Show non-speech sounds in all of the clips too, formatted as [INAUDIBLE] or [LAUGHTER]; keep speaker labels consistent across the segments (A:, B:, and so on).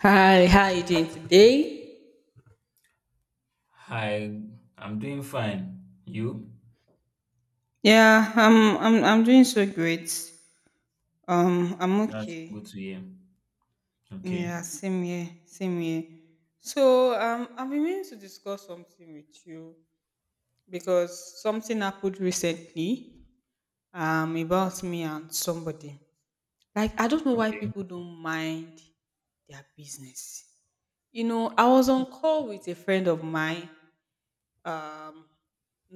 A: Hi, how you doing today?
B: Hi, I'm doing fine. You?
A: Yeah, I'm doing so great. I'm
B: That's good to
A: okay.
B: hear. Okay.
A: Yeah, same here, same here. So I've been meaning to discuss something with you because something happened recently about me and somebody. Like I don't know why
B: Okay.
A: people don't mind their business. You know, I was on call with a friend of mine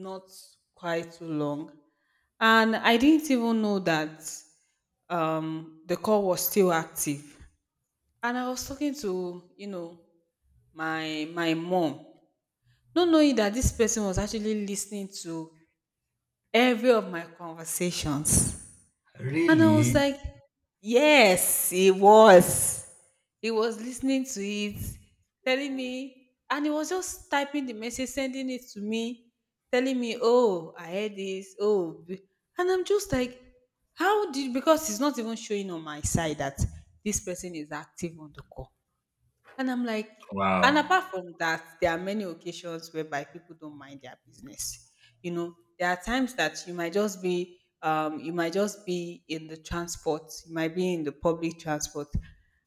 A: not quite too long. And I didn't even know that the call was still active. And I was talking to, you know, my mom, not knowing that this person was actually listening to every of my conversations. And I was
B: Really?
A: like, yes, it was. He was listening to it, telling me, and he was just typing the message, sending it to me, telling me, "Oh, I heard this. Oh," and I'm just like, "How did?" Because it's not even showing on my side that this person is active on the call. And I'm like, and
B: Wow.
A: apart from that, there are many occasions whereby people don't mind their business. You know, there are times that you might just be, you might just be in the transport, you might be in the public transport,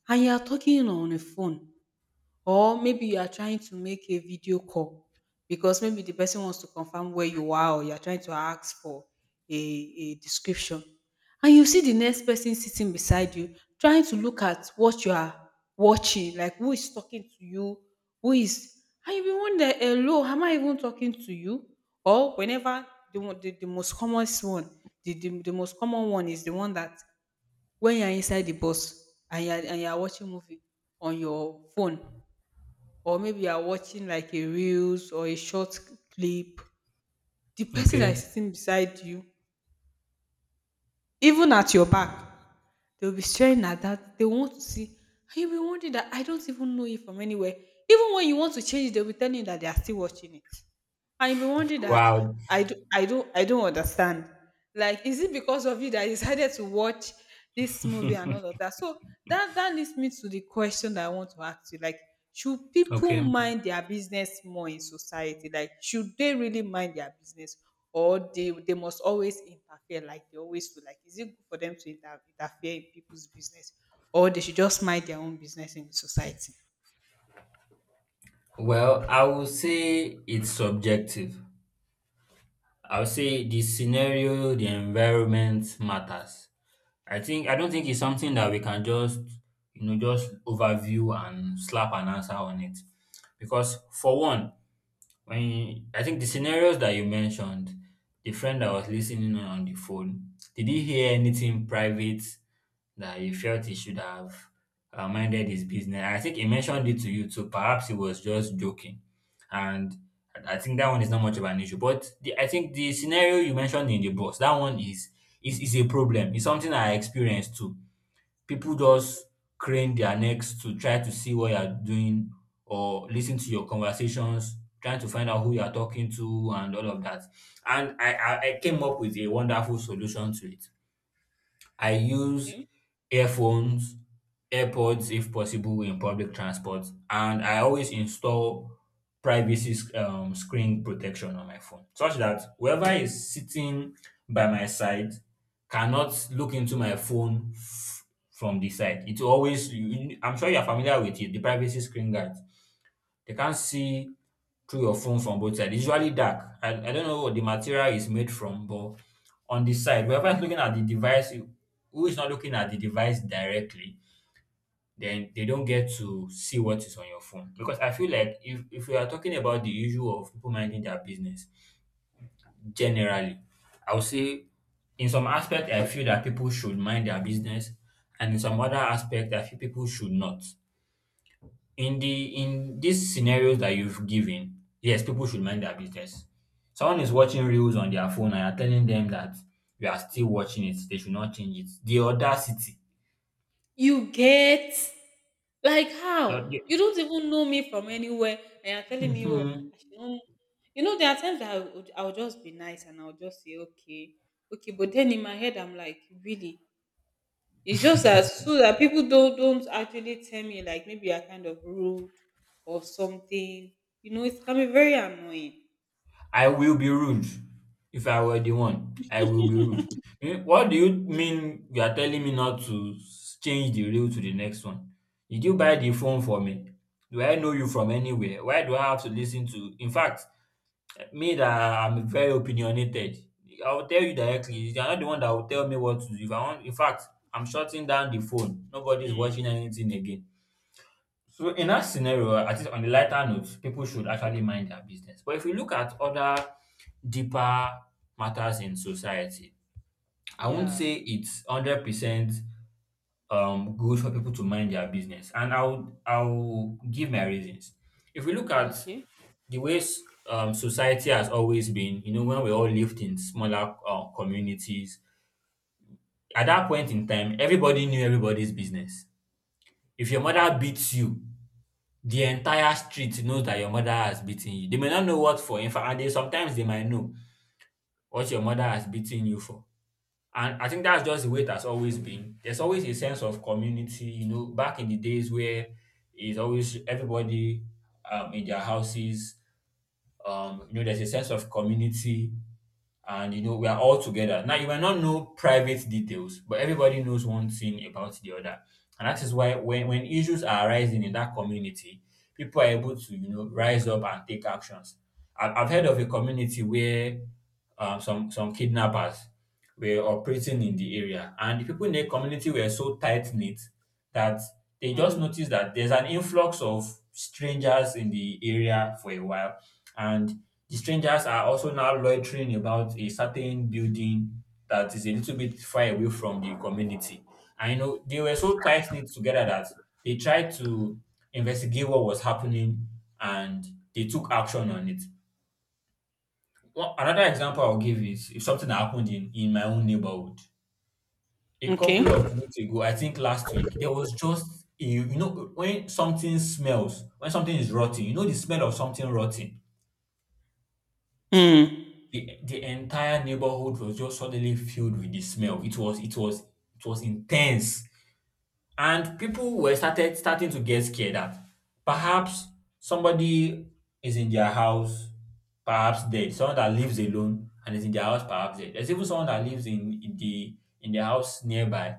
A: and you are talking on a phone. Or maybe you are trying to make a video call because maybe the person wants to confirm where you are or you're trying to ask for a description. And you see the next person sitting beside you trying to look at what you are watching, like who is talking to you, who is, and you be wonder, hello, am I even talking to you? Or whenever the most common one, the most common one is the one that when you're inside the bus and you're watching movie on your phone or maybe you are watching like a reels or a short clip, the person that is
B: Okay.
A: sitting beside you, even at your back, they'll be staring at that. They want to see. And you'll be wondering that I don't even know it from anywhere. Even when you want to change, they'll be telling you that they are still watching it. I've been wondering that
B: Wow.
A: I don't understand. Like, is it because of you that I decided to watch this movie and all
B: [LAUGHS]
A: of that? So that leads me to the question that I want to ask you. Like, should
B: Okay.
A: people mind their business more in society? Like, should they really mind their business, or they must always interfere like they always do? Like, is it good for them to interfere in people's business, or they should just mind their own business in society?
B: Well, I will say it's subjective. I'll say the scenario, the environment matters. I don't think it's something that we can just, just overview and slap an answer on it. Because for one, when I think the scenarios that you mentioned, the friend that was listening in on the phone, did he hear anything private that he felt he should have minded his business? I think he mentioned it to you, so perhaps he was just joking, and I think that one is not much of an issue. But I think the scenario you mentioned in the bus, that one is a problem. It's something I experienced too. People
A: Okay.
B: just crane their necks to try to see what you're doing or listen to your conversations, trying to find out who you're talking to and all of that. And I came up with a wonderful solution to it. I use
A: Okay.
B: earphones, AirPods if possible in public transport, and I always install privacy screen protection on my phone such that whoever is sitting by my side cannot look into my phone from the side. It always, you- I'm sure you're familiar with it, the privacy screen guard. They can't see through your phone from both sides. It's usually dark. I don't know what the material is made from, but on the side, whoever is looking at the device, who is not looking at the device directly, then they don't get to see what is on your phone. Because I feel like if we are talking about the issue of people minding their business generally, I would say in some aspect I feel that people should mind their business, and in some other aspect I feel people should not. In these scenarios that you've given, yes, people should mind their business. Someone is watching reels on their phone and you're telling them that you are still watching it, they should not change it. The audacity.
A: You get? Like
B: The-
A: how? You don't even know me from anywhere and you're telling me, oh,
B: Mhm.
A: I should not. You know, there are times that I would, I'll just be nice and I'll just say, okay, okay. But then in my head, I'm like, really? It's just as so that people don't actually tell me, like, maybe you're kind of rude or something. You know, it can be very annoying.
B: I will be rude if I were the one. I will be rude. Eh, what do you mean you are telling me not to change the reel to the next one? Did you buy the phone for me? Do I know you from anywhere? Why do I have to listen to? In fact, me that I'm very opinionated, I will tell you directly. You are not the one that will tell me what to do. If I want, in fact, I'm shutting down the phone. Nobody is watching anything again. So in that scenario, at least on the lighter note, people should actually mind their business. But if you look at other deeper matters in society, I won't
A: Yeah.
B: say it's 100% good for people to mind their business. And I'll give my reasons. If we look at
A: Okay.
B: the ways society has always been, when we all lived in smaller communities, at that point in time, everybody knew everybody's business. If your mother beats you, the entire street knows that your mother has beaten you. They may not know what for. In fact, and they sometimes they might know what your mother has beaten you for. And I think that's just the way it has always been. There's always a sense of community, back in the days where it's always everybody in their houses. There's a sense of community, and we are all together now. You might not know private details, but everybody knows one thing about the other, and that is why when issues are arising in that community, people are able to rise up and take actions. I've heard of a community where some kidnappers were operating in the area, and the people in the community were so tight knit that they just
A: Mm.
B: noticed that there's an influx of strangers in the area for a while, and the strangers are also now loitering about a certain building that is a little bit far away from the community. And they were so tight knit together that they tried to investigate what was happening, and they took action on it. Another example I'll give is if something that happened in my own neighborhood. A
A: Okay.
B: couple of weeks ago, I think last week, there was just when something smells, when something is rotting, the smell of something rotting,
A: Mm.
B: the entire neighborhood was just suddenly filled with the smell. It was intense. And people were started starting to get scared that perhaps somebody is in their house, perhaps dead. Someone that lives alone and is in their house, perhaps dead. There's even someone that lives in the house nearby,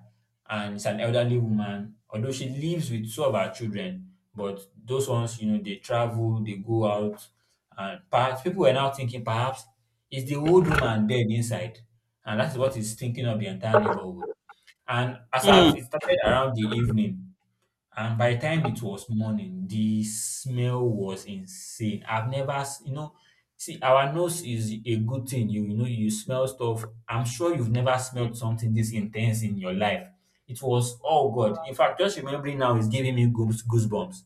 B: and it's an elderly woman. Although she lives with two of her children, but those ones, they travel, they go out, and perhaps people were now thinking, perhaps is the old woman dead inside, and that's what is thinking of the entire neighborhood. And as
A: Mm.
B: at it started around the evening, and by the time it was morning, the smell was insane. I've never, s- you know, See, our nose is a good thing. You smell stuff. I'm sure you've never smelled something this intense in your life. It was, oh God. In fact, just remembering now is giving me goosebumps.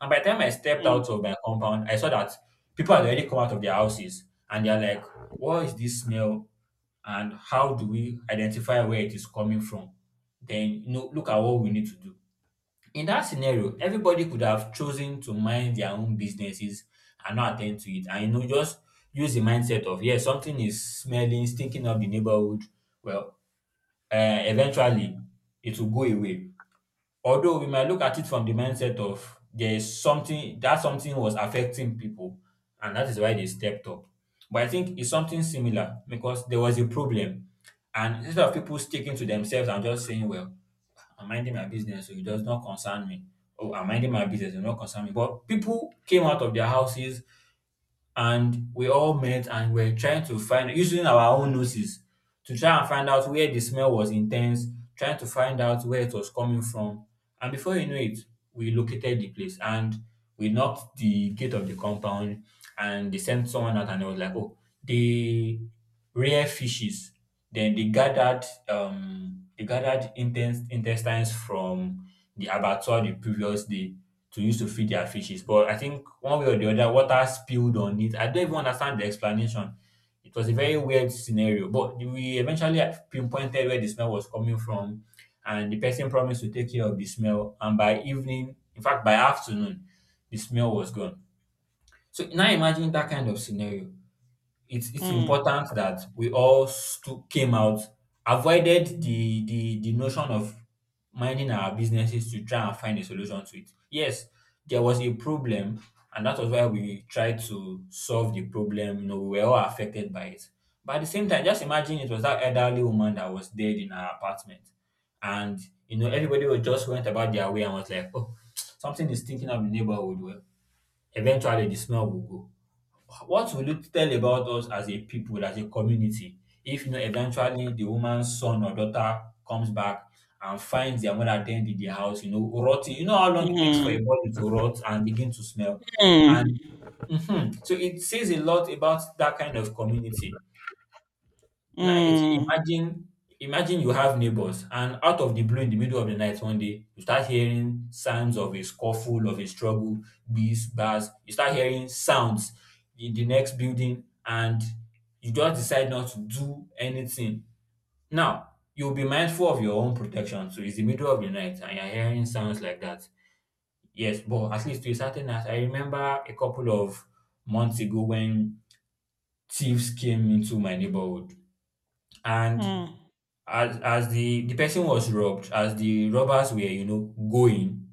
B: And by the time I stepped
A: Mm.
B: out of my compound, I saw that people had already come out of their houses, and they're like, what is this smell? And how do we identify where it is coming from? Then, look at what we need to do. In that scenario, everybody could have chosen to mind their own businesses and not attend to it. And just use the mindset of, yeah, something is smelling, stinking up the neighborhood. Well, eventually it will go away. Although we might look at it from the mindset of there is something, that something was affecting people, and that is why they stepped up. But I think it's something similar, because there was a problem. And instead of people sticking to themselves and just saying, "Well, I'm minding my business, so it does not concern me. Oh, I'm minding my business, it does not concern me." But people came out of their houses, and we all met and we're trying to find, using our own noses, to try and find out where the smell was intense, trying to find out where it was coming from. And before you know it, we located the place, and we knocked the gate of the compound, and they sent someone out, and it was like, oh, they rare fishes. Then they gathered intestines from the abattoir the previous day to use to feed their fishes. But I think one way or the other, water spilled on it. I don't even understand the explanation. It was a very weird scenario, but we eventually pinpointed where the smell was coming from, and the person promised to take care of the smell. And by evening, in fact, by afternoon, the smell was gone. So now imagine that kind of scenario. It's
A: Mm.
B: important that we all came out, avoided the notion of minding our businesses to try and find a solution to it. Yes, there was a problem, and that was why we tried to solve the problem. We were all affected by it. But at the same time, just imagine it was that elderly woman that was dead in her apartment, and everybody was just went about their way and was like, oh, [TSK] something is stinking up the neighborhood. Well, eventually the smell will go. What will you tell about us as a people, as a community, if eventually the woman's son or daughter comes back and finds their mother dead in the house, rotting. You know how long it takes for a
A: Mm.
B: body to rot and begin to smell.
A: Mm.
B: And mhm. So it says a lot about that kind of community. Now, if you
A: Mm.
B: imagine you have neighbors, and out of the blue, in the middle of the night, one day you start hearing sounds of a scuffle, of a struggle, bees, bars, you start hearing sounds in the next building, and you just decide not to do anything. Now, you'll be mindful of your own protection. So it's the middle of the night and you're hearing sounds like that. Yes, but at least to a certain extent, I remember a couple of months ago when thieves came into my neighborhood and
A: Mm,
B: as the person was robbed, as the robbers were, going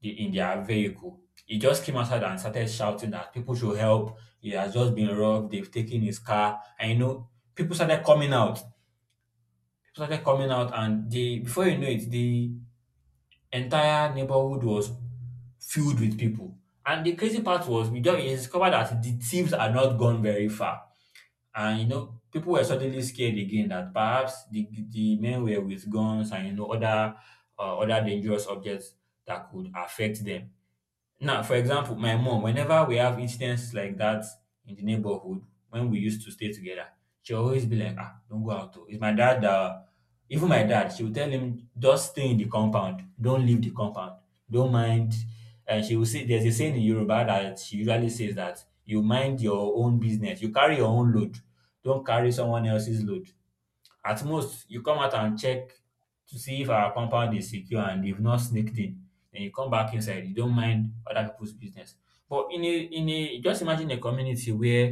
B: the, in their vehicle, he just came outside and started shouting that people should help. He has just been robbed. They've taken his car. And people started coming out. People started coming out, and they before you know it, the entire neighborhood was filled with people. And the crazy part was, we discovered that the thieves are not gone very far. And people were suddenly scared again that perhaps the men were with guns and other other dangerous objects that could affect them. Now, for example, my mom, whenever we have incidents like that in the neighborhood, when we used to stay together, she always be like, "Ah, don't go out. Oh." It's my dad that, even my dad, she will tell him, just stay in the compound. Don't leave the compound. Don't mind. And she will say, there's a saying in Yoruba that she usually says that you mind your own business. You carry your own load. Don't carry someone else's load. At most, you come out and check to see if our compound is secure and they've not sneaked in. Then you come back inside. You don't mind other people's business. But in a just imagine a community where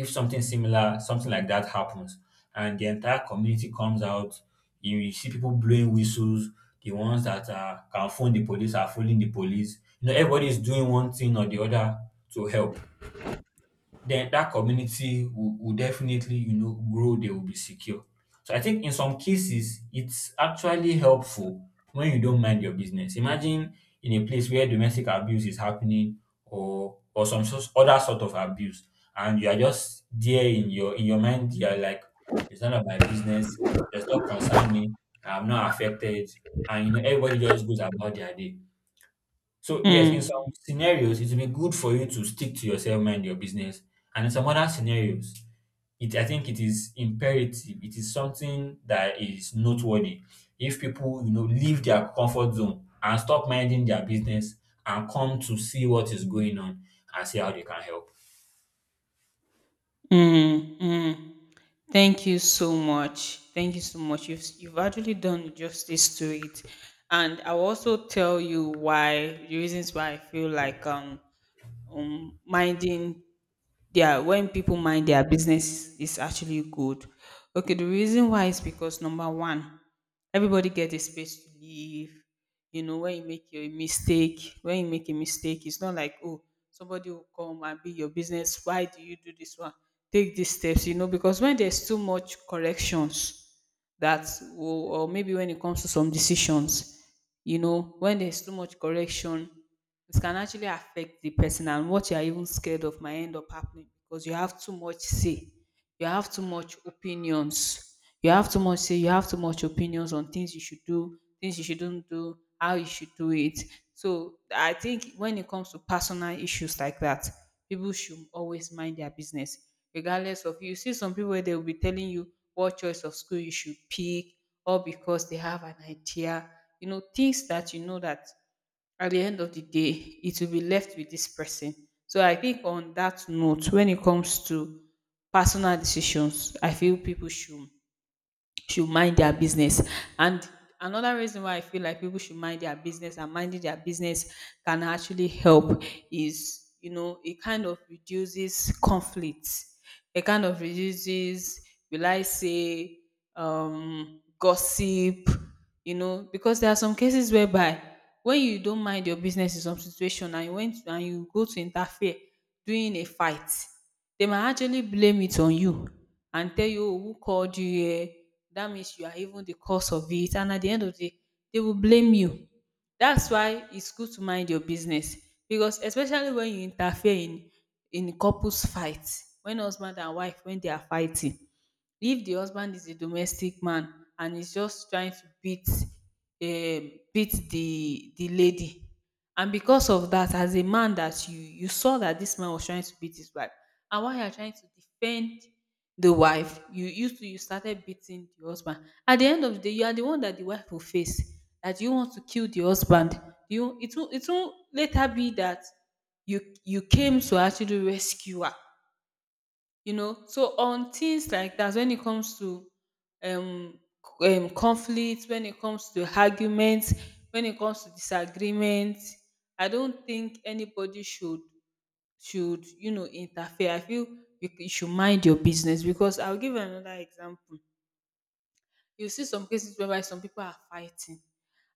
B: if something similar, something like that happens, and the entire community comes out, you see people blowing whistles. The ones that are, can phone the police are phoning the police. You know, everybody is doing one thing or the other to help, then that community will definitely, you know, grow, they will be secure. So I think in some cases, it's actually helpful when you don't mind your business. Imagine in a place where domestic abuse is happening or some sort, other sort of abuse, and you are just there in your mind, you are like, it's none of my business, it does not concern me, I'm not affected, and you know, everybody just goes about their day. So yes, in some
A: mm,
B: scenarios, it will be good for you to stick to yourself, mind your business. And in some other scenarios, it I think it is imperative. It is something that is noteworthy. If people, you know, leave their comfort zone and stop minding their business and come to see what is going on and see how they can help.
A: mm, mm. Thank you so much. Thank you so much. You've actually done justice to it, and I'll also tell you why the reasons why I feel like minding their when people mind their business is actually good. Okay, the reason why is because number one, everybody get a space to live. You know, when you make a mistake, it's not like oh somebody will come and be your business. Why do you do this one? Take these steps, you know, because when there's too much corrections that will, or maybe when it comes to some decisions, you know, when there's too much correction it can actually affect the person and what you are even scared of might end up happening because you have too much say, you have too much opinions, you have too much say, you have too much opinions on things you should do, things you shouldn't do, how you should do it. So I think when it comes to personal issues like that, people should always mind their business. Regardless of you see some people where they will be telling you what choice of school you should pick, or because they have an idea, you know, things that you know that at the end of the day, it will be left with this person. So I think on that note, when it comes to personal decisions, I feel people should mind their business. And another reason why I feel like people should mind their business and minding their business can actually help is, you know, it kind of reduces conflicts. It kind of reduces, will I say, gossip. You know because there are some cases whereby when you don't mind your business in some situation and you went and you go to interfere during a fight, they might actually blame it on you and tell you, "Oh, who called you here?" That means you are even the cause of it, and at the end of the day they will blame you. That's why it's good to mind your business, because especially when you interfere in couples fight, when husband and wife when they are fighting, if the husband is a domestic man and is just trying to beat the lady, and because of that, as a man that you saw that this man was trying to beat his wife, and while you are trying to defend the wife, you started beating the husband. At the end of the day, you are the one that the wife will face, that you want to kill the husband. You It will later be that you came to actually rescue her. You know, so on things like that, when it comes to um, conflict, when it comes to arguments, when it comes to disagreement, I don't think anybody should, you know, interfere. I feel you should mind your business, because I'll give another example. You see some cases whereby some people are fighting,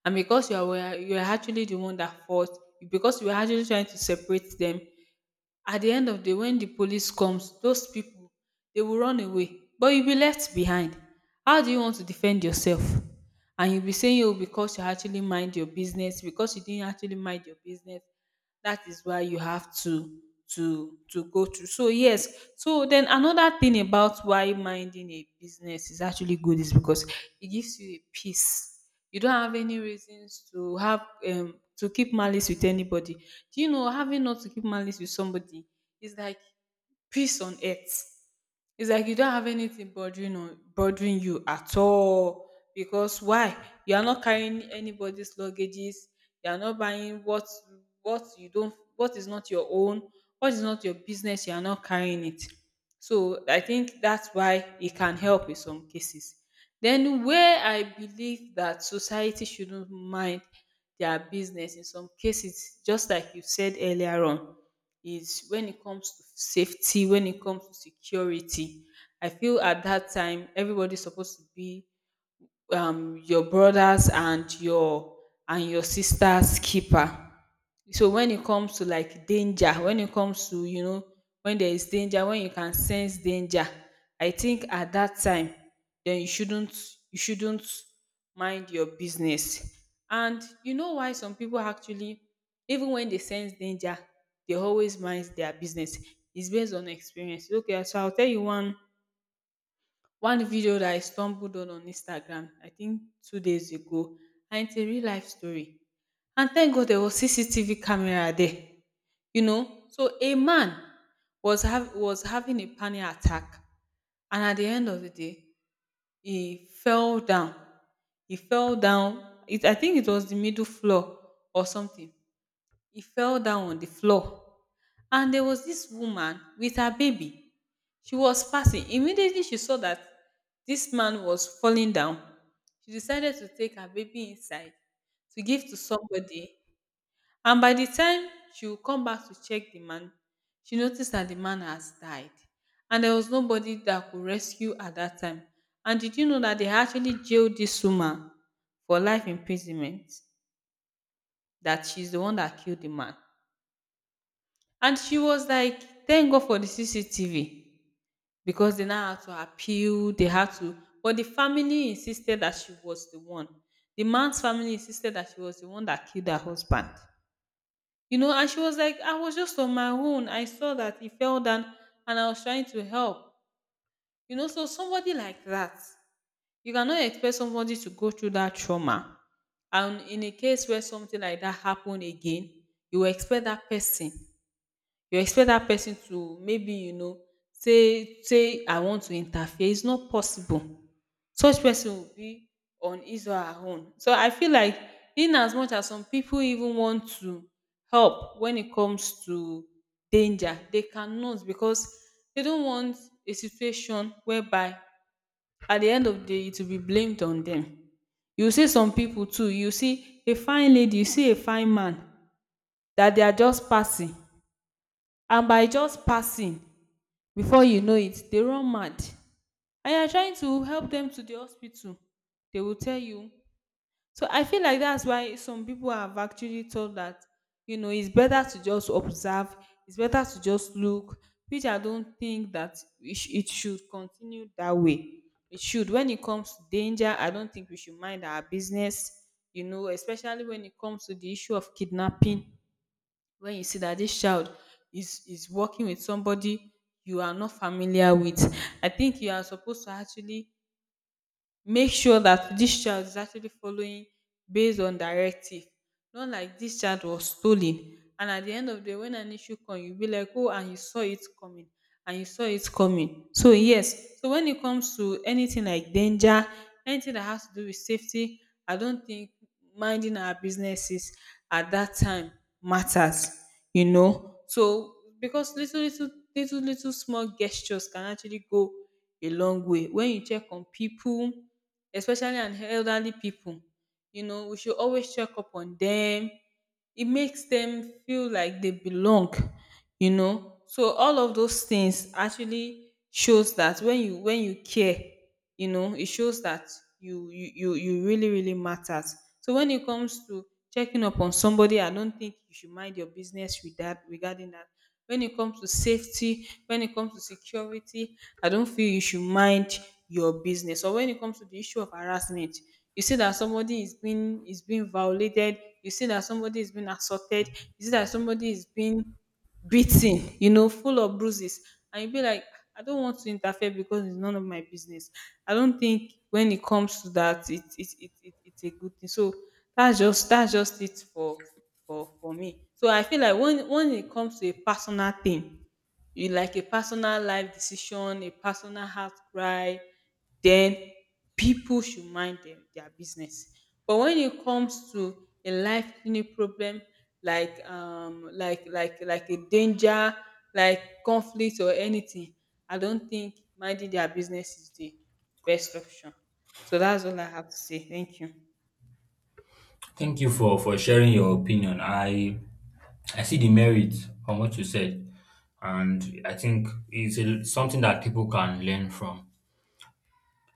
A: and because you are actually the one that fought, because you were actually trying to separate them, at the end of the day, when the police comes, those people they will run away, but you'll be left behind. How do you want to defend yourself? And you'll be saying, oh, because you didn't actually mind your business, that is why you have to go through. So yes, so then another thing about why minding a business is actually good is because it gives you a peace. You don't have any reasons to have to keep malice with anybody. Do you know having not to keep malice with somebody is like peace on earth. It's like you don't have anything bothering you at all. Because why? You are not carrying anybody's luggages, you are not buying what you don't, what is not your own, what is not your business, you are not carrying it. So I think that's why it can help in some cases. Then where I believe that society shouldn't mind their business in some cases, just like you said earlier on, is when it comes to safety, when it comes to security. I feel at that time everybody's supposed to be your brothers and your sisters keeper. So when it comes to like danger, when it comes to you know when there is danger, when you can sense danger, I think at that time then you shouldn't mind your business. And you know why some people actually, even when they sense danger, they always mind their business. It's based on experience. Okay, so I'll tell you one video that I stumbled on Instagram, I think 2 days ago, and it's a real life story. And thank God there was CCTV camera there. You know, so a man was having a panic attack, and at the end of the day, he fell down. He fell down. It I think it was the middle floor or something. He fell down on the floor, and there was this woman with her baby. She was passing. Immediately she saw that this man was falling down, she decided to take her baby inside to give to somebody. And by the time she would come back to check the man, she noticed that the man has died, and there was nobody that could rescue at that time. And did you know that they actually jailed this woman for life imprisonment, that she's the one that killed the man? And she was like, thank God for the CCTV, because they now had to appeal, they had to. But the family insisted that she was the one, the man's family insisted that she was the one that killed her husband. And she was like, I was just on my own, I saw that he fell down, and I was trying to help. So somebody like that, you cannot expect somebody to go through that trauma. And in a case where something like that happened again, you will expect that person, you expect that person to maybe, say, I want to interfere, it's not possible. Such person will be on his or her own. So I feel like in as much as some people even want to help when it comes to danger, they cannot, because they don't want a situation whereby at the end of the day it will be blamed on them. You see some people too, you see a fine lady, you see a fine man that they are just passing, and by just passing, before you know it, they run mad, and you're trying to help them to the hospital, they will tell you. So I feel like that's why some people have actually told that, it's better to just observe, it's better to just look, which I don't think that it should continue that way. It should. When it comes to danger, I don't think we should mind our business. You know, especially when it comes to the issue of kidnapping, when you see that this child is working with somebody you are not familiar with, I think you are supposed to actually make sure that this child is actually following based on directive. Not like this child was stolen and at the end of the day when an issue come, you be like, oh, and you saw it coming, and you saw it coming. So yes, so when it comes to anything like danger, anything that has to do with safety, I don't think minding our businesses at that time matters. You know, so because little small gestures can actually go a long way when you check on people, especially on elderly people. You know, we should always check up on them. It makes them feel like they belong. So all of those things actually shows that when you care, it shows that you really, really matters. So when it comes to checking up on somebody, I don't think you should mind your business with that, regarding that. When it comes to safety, when it comes to security, I don't feel you should mind your business. Or when it comes to the issue of harassment, you see that somebody is being violated, you see that somebody is being assaulted, you see that somebody is being beaten, full of bruises, and you be like, I don't want to interfere because it's none of my business. I don't think when it comes to that, it's a good thing. So that's just it for me. So I feel like when it comes to a personal thing, you like a personal life decision, a personal heart cry, then people should mind them, their business. But when it comes to a life clinic problem, like a danger, like conflict or anything, I don't think minding their business is the best option. So that's all I have to say. Thank you.
B: Thank you for sharing your opinion. I see the merit on what you said, and I think it's a, something that people can learn from.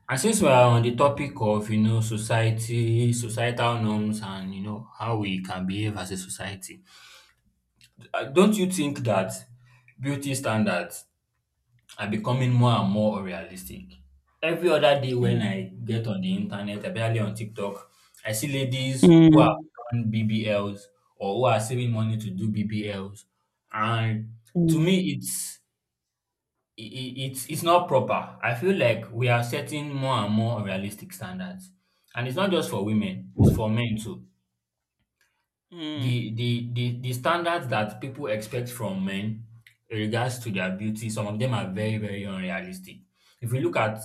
B: And since we are on the topic of you know society, societal norms, and you know how we can behave as a society, don't you think that beauty standards are becoming more and more unrealistic? Every other day when
A: Mm.
B: I get on the internet, especially on TikTok, I see ladies who have
A: Mm.
B: done BBLs or who are saving money to do BBLs, and to
A: Mm.
B: me, it's it's not proper. I feel like we are setting more and more unrealistic standards, and it's not just for women; it's for men too.
A: Mm.
B: The standards that people expect from men in regards to their beauty, some of them are very very unrealistic. If we look at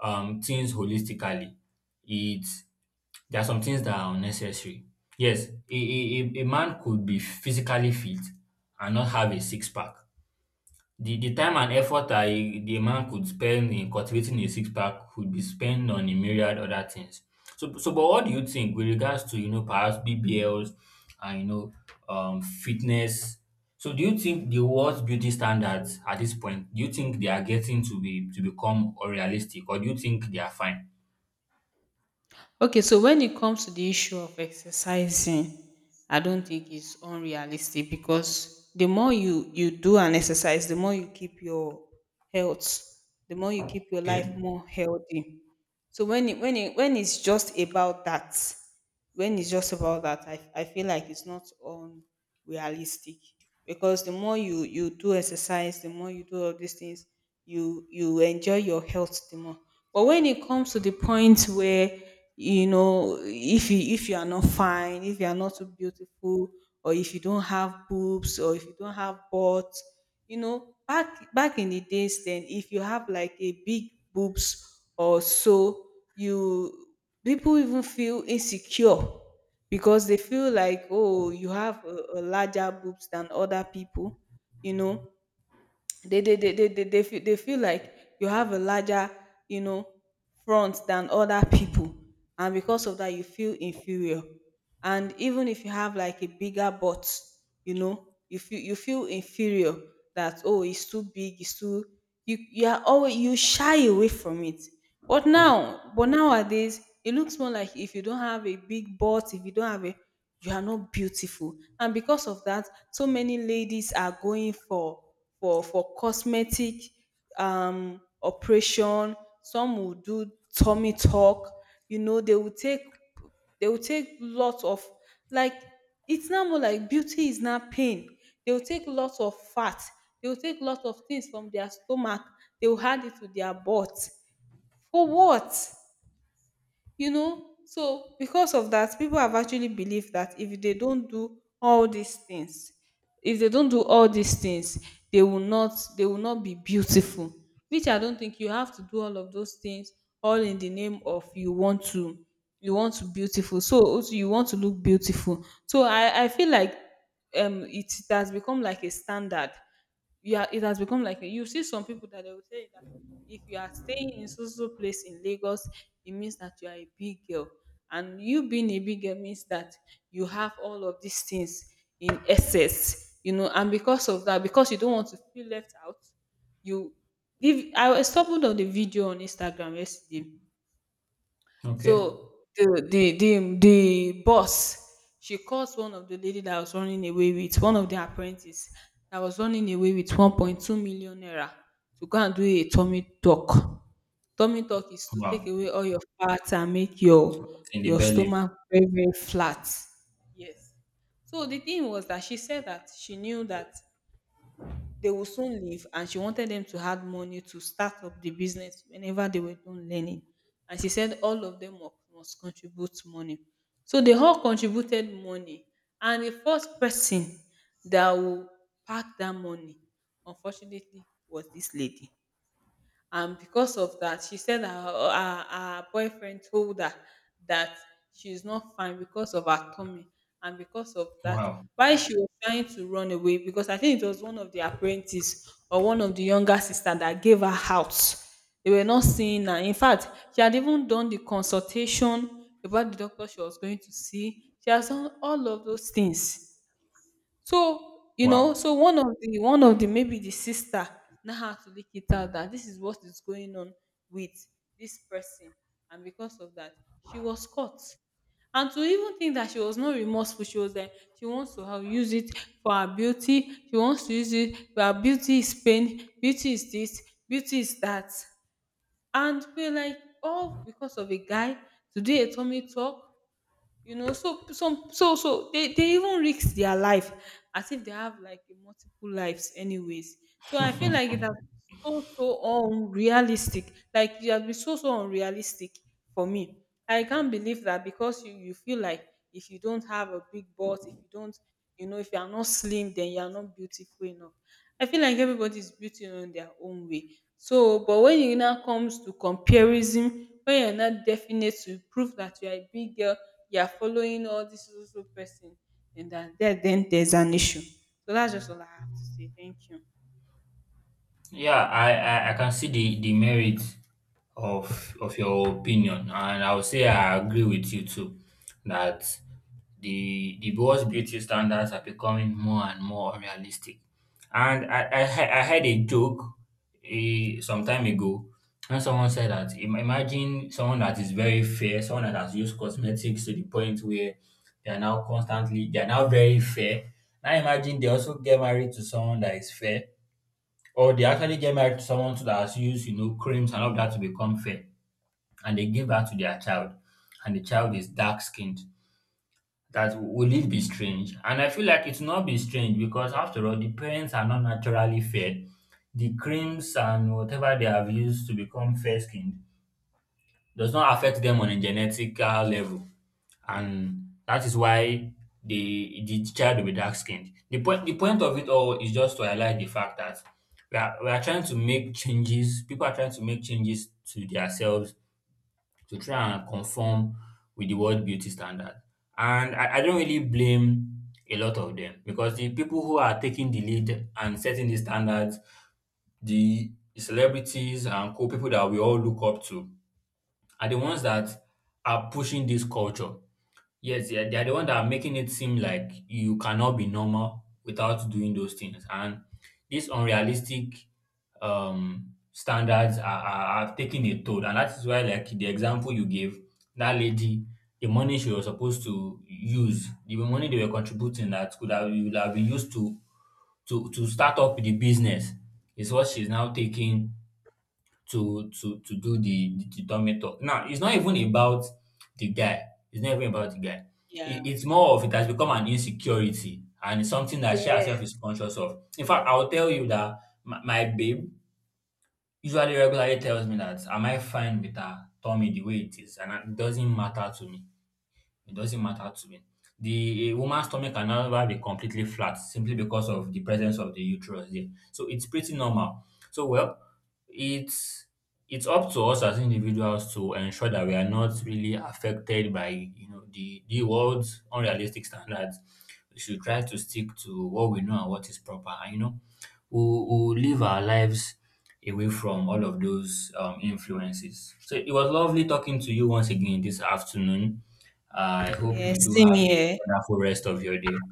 B: things holistically, it's there are some things that are unnecessary. Yes, a man could be physically fit and not have a six pack. The time and effort I the man could spend in cultivating a six pack could be spent on a myriad other things. So but what do you think with regards to you know perhaps BBLs and you know fitness? So do you think the world's beauty standards at this point, do you think they are getting to be to become unrealistic or do you think they are fine?
A: Okay, so when it comes to the issue of exercising, I don't think it's unrealistic because the more you do an exercise, the more you keep your health, the more you keep your
B: Okay.
A: life more healthy. So when it's just about that, when it's just about that I feel like it's not unrealistic, because the more you do exercise, the more you do all these things, you enjoy your health the more. But when it comes to the point where, if you are not fine, if you are not too beautiful, or if you don't have boobs, or if you don't have butt you know back back in the days, then if you have like a big boobs or so, you people even feel insecure, because they feel like, oh, you have a larger boobs than other people you know they feel like you have a larger, you know front than other people, and because of that you feel inferior. And even if you have like a bigger butt, you feel inferior, that, oh, it's too big, it's too, you are always, you shy away from it. But nowadays, it looks more like if you don't have a big butt, if you don't have a, you are not beautiful. And because of that, so many ladies are going for cosmetic operation. Some will do tummy tuck. you know they will take they will take lots of, like, it's now more like beauty is not pain, they will take lots of fat, they will take lots of things from their stomach, they will add it to their butt for what? So because of that, people have actually believed that if they don't do all these things, if they don't do all these things, they will not they will not be beautiful, which I don't think you have to do all of those things, all in the name of, you want to beautiful, so also you want to look beautiful. So I feel like, it has become like a standard. Yeah, it has become like a, you see some people that they will tell you that if you are staying in so so place in Lagos, it means that you are a big girl. And you being a big girl means that you have all of these things in excess. And because of that, because you don't want to feel left out, you. If I was stumbled on the video on Instagram yesterday,
B: Okay.
A: so the boss, she calls one of the lady that was running away with one of the apprentice that was running away with 1.2 million naira to go and do a tummy tuck. Tummy tuck is to take
B: Wow.
A: away all your fat and make your
B: In the
A: your
B: belly.
A: stomach very very flat. Yes. So the thing was that she said that she knew that they will soon leave, and she wanted them to add money to start up the business whenever they were done learning. And she said all of them must contribute money. So they all contributed money, and the first person that will pack that money unfortunately was this lady. And because of that, she said her boyfriend told her that she's not fine because of her tummy. And because of that,
B: Wow.
A: while she was trying to run away, because I think it was one of the apprentices or one of the younger sister that gave her out, they were not seeing her, in fact. She had even done the consultation about the doctor she was going to see, she has done all of those things. So,
B: Wow.
A: so one of the maybe the sister now had to leak it out that this is what is going on with this person. And because of that, she was caught. And to even think that she was not remorseful, she was like, she wants to have use it for her beauty. She wants to use it for her beauty is pain, beauty is this, beauty is that. And we're like, all because of a guy, to do a tummy talk. So some, so so, they even risk their life, as if they have like a multiple lives anyways. So I feel like it has so so unrealistic, like it has been so so unrealistic for me. I can't believe that, because you feel like if you don't have a big butt, if you don't, if you are not slim, then you are not beautiful enough. I feel like everybody is beautiful in their own way. So but when it now comes to comparison, when you're not definite to prove that you are a big girl, you are following all this so so so person, then there's an issue. So that's just all I have to say. Thank you.
B: Yeah, I can see the merit of your opinion, and I would say I agree with you too that the world's beauty standards are becoming more and more unrealistic. And I heard a joke some time ago, and someone said that imagine someone that is very fair, someone that has used cosmetics to the point where they are now very fair. Now imagine they also get married to someone that is fair or they actually get married to someone that has used, you know, creams and all that to become fair, and they give that to their child, and the child is dark skinned. That, will it be strange? And I feel like it's not be strange because after all, the parents are not naturally fair. The creams and whatever they have used to become fair skinned does not affect them on a genetical level, and that is why the child will be dark skinned. The point of it all is just to highlight the fact that we are trying to make changes. People are trying to make changes to themselves to try and conform with the world beauty standard. And I don't really blame a lot of them because the people who are taking the lead and setting the standards, the celebrities and cool people that we all look up to, are the ones that are pushing this culture. Yes, yeah, they are the one that are making it seem like you cannot be normal without doing those things. And these unrealistic standards are taking a toll. And that is why, like the example you gave, that lady, the money she was supposed to use, the money they were contributing that could have, would have been used to start up the business, is what she's now taking to do the dummy talk. Now it's not even about the guy. It's not even about the guy.
A: Yeah.
B: It's more of, it has become an insecurity and it's something that she herself is
A: Yes.
B: conscious of. In fact, I'll tell you that my babe usually regularly tells me that am I fine with her tummy the way it is, and it doesn't matter to me. It doesn't matter to me. The A woman's stomach can never be completely flat simply because of the presence of the uterus there. So it's pretty normal. So well, it's it's up to us as individuals to ensure that we are not really affected by you know the world's unrealistic standards. We should try to stick to what we know and what is proper. And you know, who
A: Yes.
B: live our lives away from all of those influences. So it was lovely talking to you once again this afternoon. I hope
A: Yes.
B: you do
A: Same
B: have a
A: here.
B: wonderful rest of your day.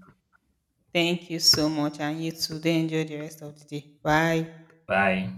A: Thank you so much, and you too. Then enjoy the rest of the day. Bye.
B: Bye.